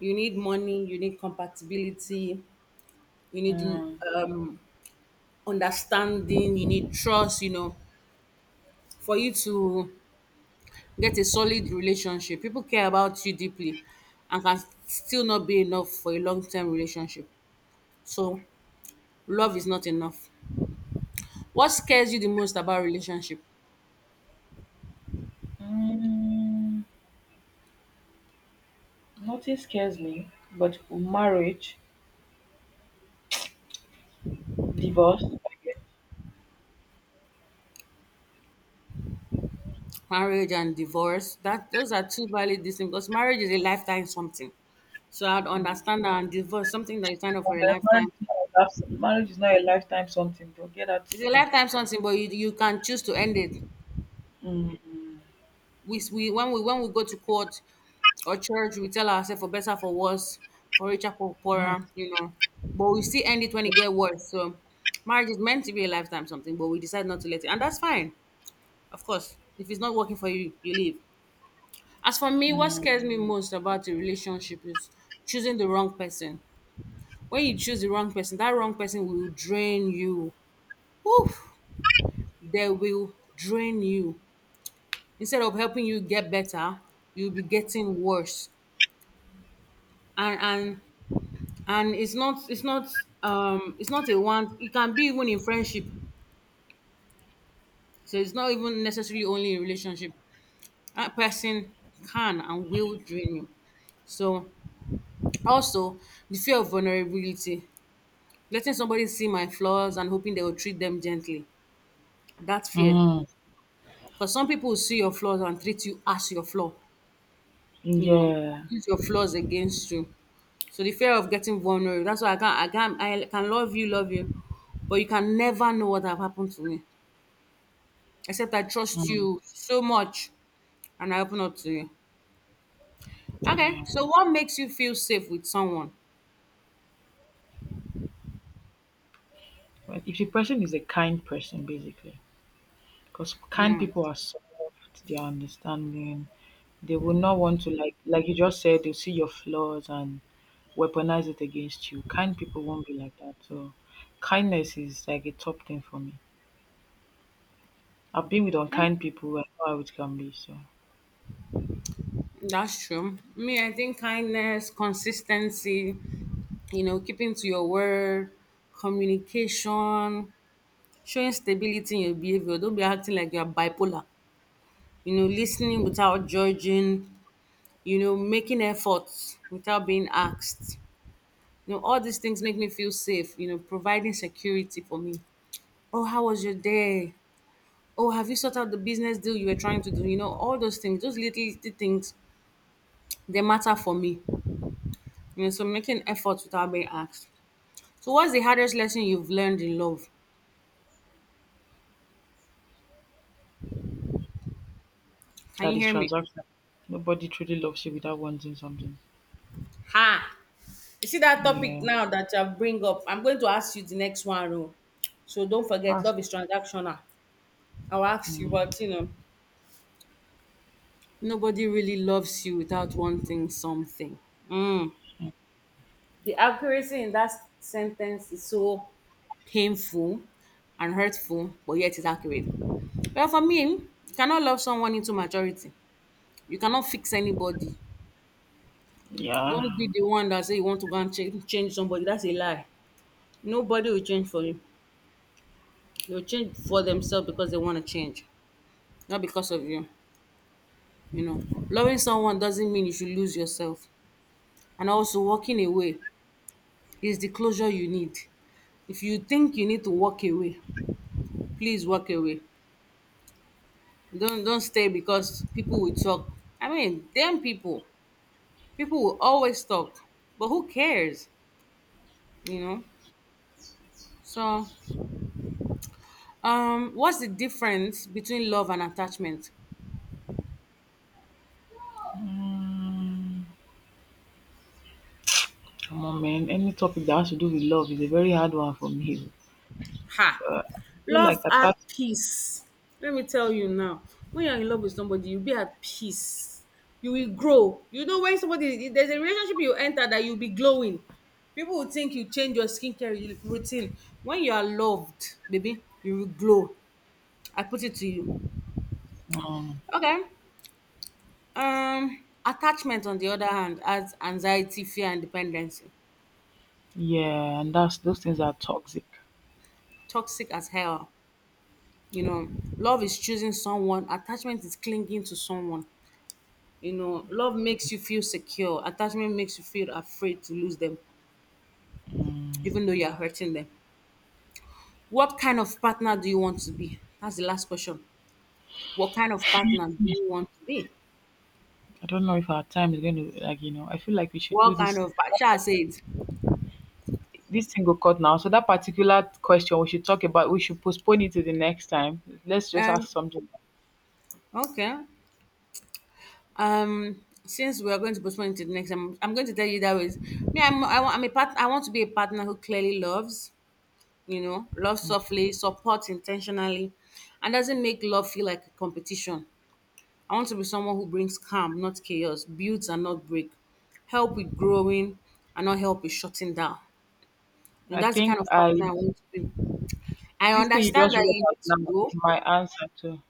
You need money, you need compatibility, you need
Mm.
um, understanding, you need trust, for you to get a solid relationship. People care about you deeply and can still not be enough for a long term relationship. So, love is not enough. What scares you the most about relationship?
Mm. Nothing scares me, but marriage, divorce, okay.
Marriage and divorce, that those are two valid distinct because marriage is a lifetime something. So I'd
Mm.
understand that and divorce, something that you sign up for a
Omo,
lifetime.
marriage is not a life marriage is not a lifetime something, bro. Get that.
It's a lifetime something, but you can choose to end it.
Mm.
We when we when we go to court or church, we tell ourselves for better for worse, for richer for
Mhm.
poorer. But we still end it when it get worse. So marriage is meant to be a lifetime something, but we decide not to let it, and that's fine. Of course, if it's not working for you, you leave. As for me, what
Mm.
scares me most about a relationship is choosing the wrong person. When you choose the wrong person, that wrong person will drain you. Oof! They will drain you. Instead of helping you get better, you'll be getting worse. And and and, it's not, it's not, it's not a one, it can be even in friendship. So it's not even necessarily only in relationship. That person can and will drain you. So also the fear of vulnerability, letting somebody see my flaws and hoping they will treat them gently. That fear.
Mm.
Because some people will see your flaws and treat you as your flaw, you know,
Yeah.
use your flaws against you. So the fear of getting vulnerable. That's why I can't, I can't, I can love you, but you can never know what have happened to me. Except I trust
Mm.
you so much and I open up to you. Okay,
Yeah.
so what makes you feel safe with someone?
But if the person is a kind person, basically, because kind people are so soft, they are understanding. They will not want to like you just said, they'll see your flaws and weaponize it against you. Kind people won't be like that. So kindness is like a top thing for me. I've been with
Hmm?
unkind people and how it can be, so
That's true. Me, I think kindness, consistency, keeping to your word, communication, showing stability in your behavior. Don't be acting like you're bipolar. Listening without judging, making efforts without being asked. All these things make me feel safe, providing security for me. Oh, how was your day? Oh, have you sorted out the business deal you were trying to do? All those things, those little, little things, they matter for me. So making efforts without being asked. So, what's the hardest lesson you've learned in love? Can you
that is
hear me?
transactional. Nobody truly loves you without wanting something.
Ha! You see that topic
Yeah.
now that you bring up, I'm going to ask you the next one. Oh. So don't forget,
Ask.
love is transactional. I'll ask you,
Mm.
but nobody really loves you without wanting something. Mm. The accuracy in that sentence is so painful and hurtful, but yet it's accurate. Well, for me, you cannot love someone into maturity. You cannot fix anybody.
Yeah.
Don't be the one that say you want to go and change somebody. That's a lie. Nobody will change for you. They'll change for themselves because they want to change, not because of you. You know, loving someone doesn't mean you should lose yourself. And also, walking away is the closure you need. If you think you need to walk away, please walk away. Don't stay because people will talk. I mean, damn people. People will always talk, but who cares? You know. So, what's the difference between love and attachment?
Mm. Come on, man. Any topic that has to do with love is a very hard one for me.
Ha!
I feel like
Love
I
at
thought,
peace. Let me tell you now, when you're in love with somebody, you'll be at peace. You will grow. When somebody, there's a relationship you enter that you'll be glowing. People will think you change your skincare routine. When you are loved, baby, you will glow. I put it to you.
um,
Okay. Attachment, on the other hand, adds anxiety, fear, and dependency.
yeah, and that's those things are toxic.
Toxic as hell. You know, love is choosing someone, attachment is clinging to someone. Love makes you feel secure. Attachment makes you feel afraid to lose them,
Mm.
even though you're hurting them. What kind of partner do you want to be? That's the last question. What kind of partner do you want to be?
I don't know if our time is going to like you know. I feel like we should do
What kind
this.
of partner? Shall I say it.
This thing will cut now. So that particular question we should talk about, we should postpone it to the next time. Let's just
Um,
ask something.
okay. Since we are going to postpone it to the next, I'm going to tell you that ways. Me, I'm a part. I want to be a partner who clearly loves, loves softly, supports intentionally, and doesn't make love feel like a competition. I want to be someone who brings calm, not chaos, builds and not break, help with growing and not help with shutting down. You
I
know, that's the kind
think
of partner
I
I want to be. I
This thing you
understand
just
that
read
you
out
need to
now is
go.
my answer to.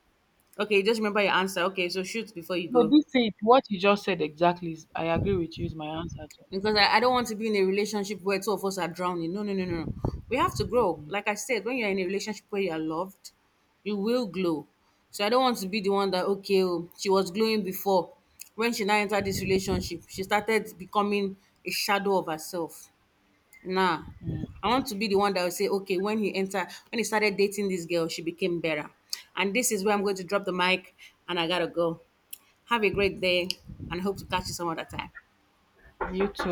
Okay, just remember your answer. Okay, so shoot before you
No,
go.
this thing what you just said exactly is I agree with you is my answer to.
Because I don't want to be in a relationship where two of us are drowning. No, no, no, no, no. We have to grow. Like I said, when you're in a relationship where you're loved, you will glow. So I don't want to be the one that, okay, oh, she was glowing before. When she now entered this relationship, she started becoming a shadow of herself. Nah.
Mm.
I want to be the one that will say, okay, when he entered, when he started dating this girl, she became better. And this is where I'm going to drop the mic and I gotta go. Have a great day and hope to catch you some other time.
You too.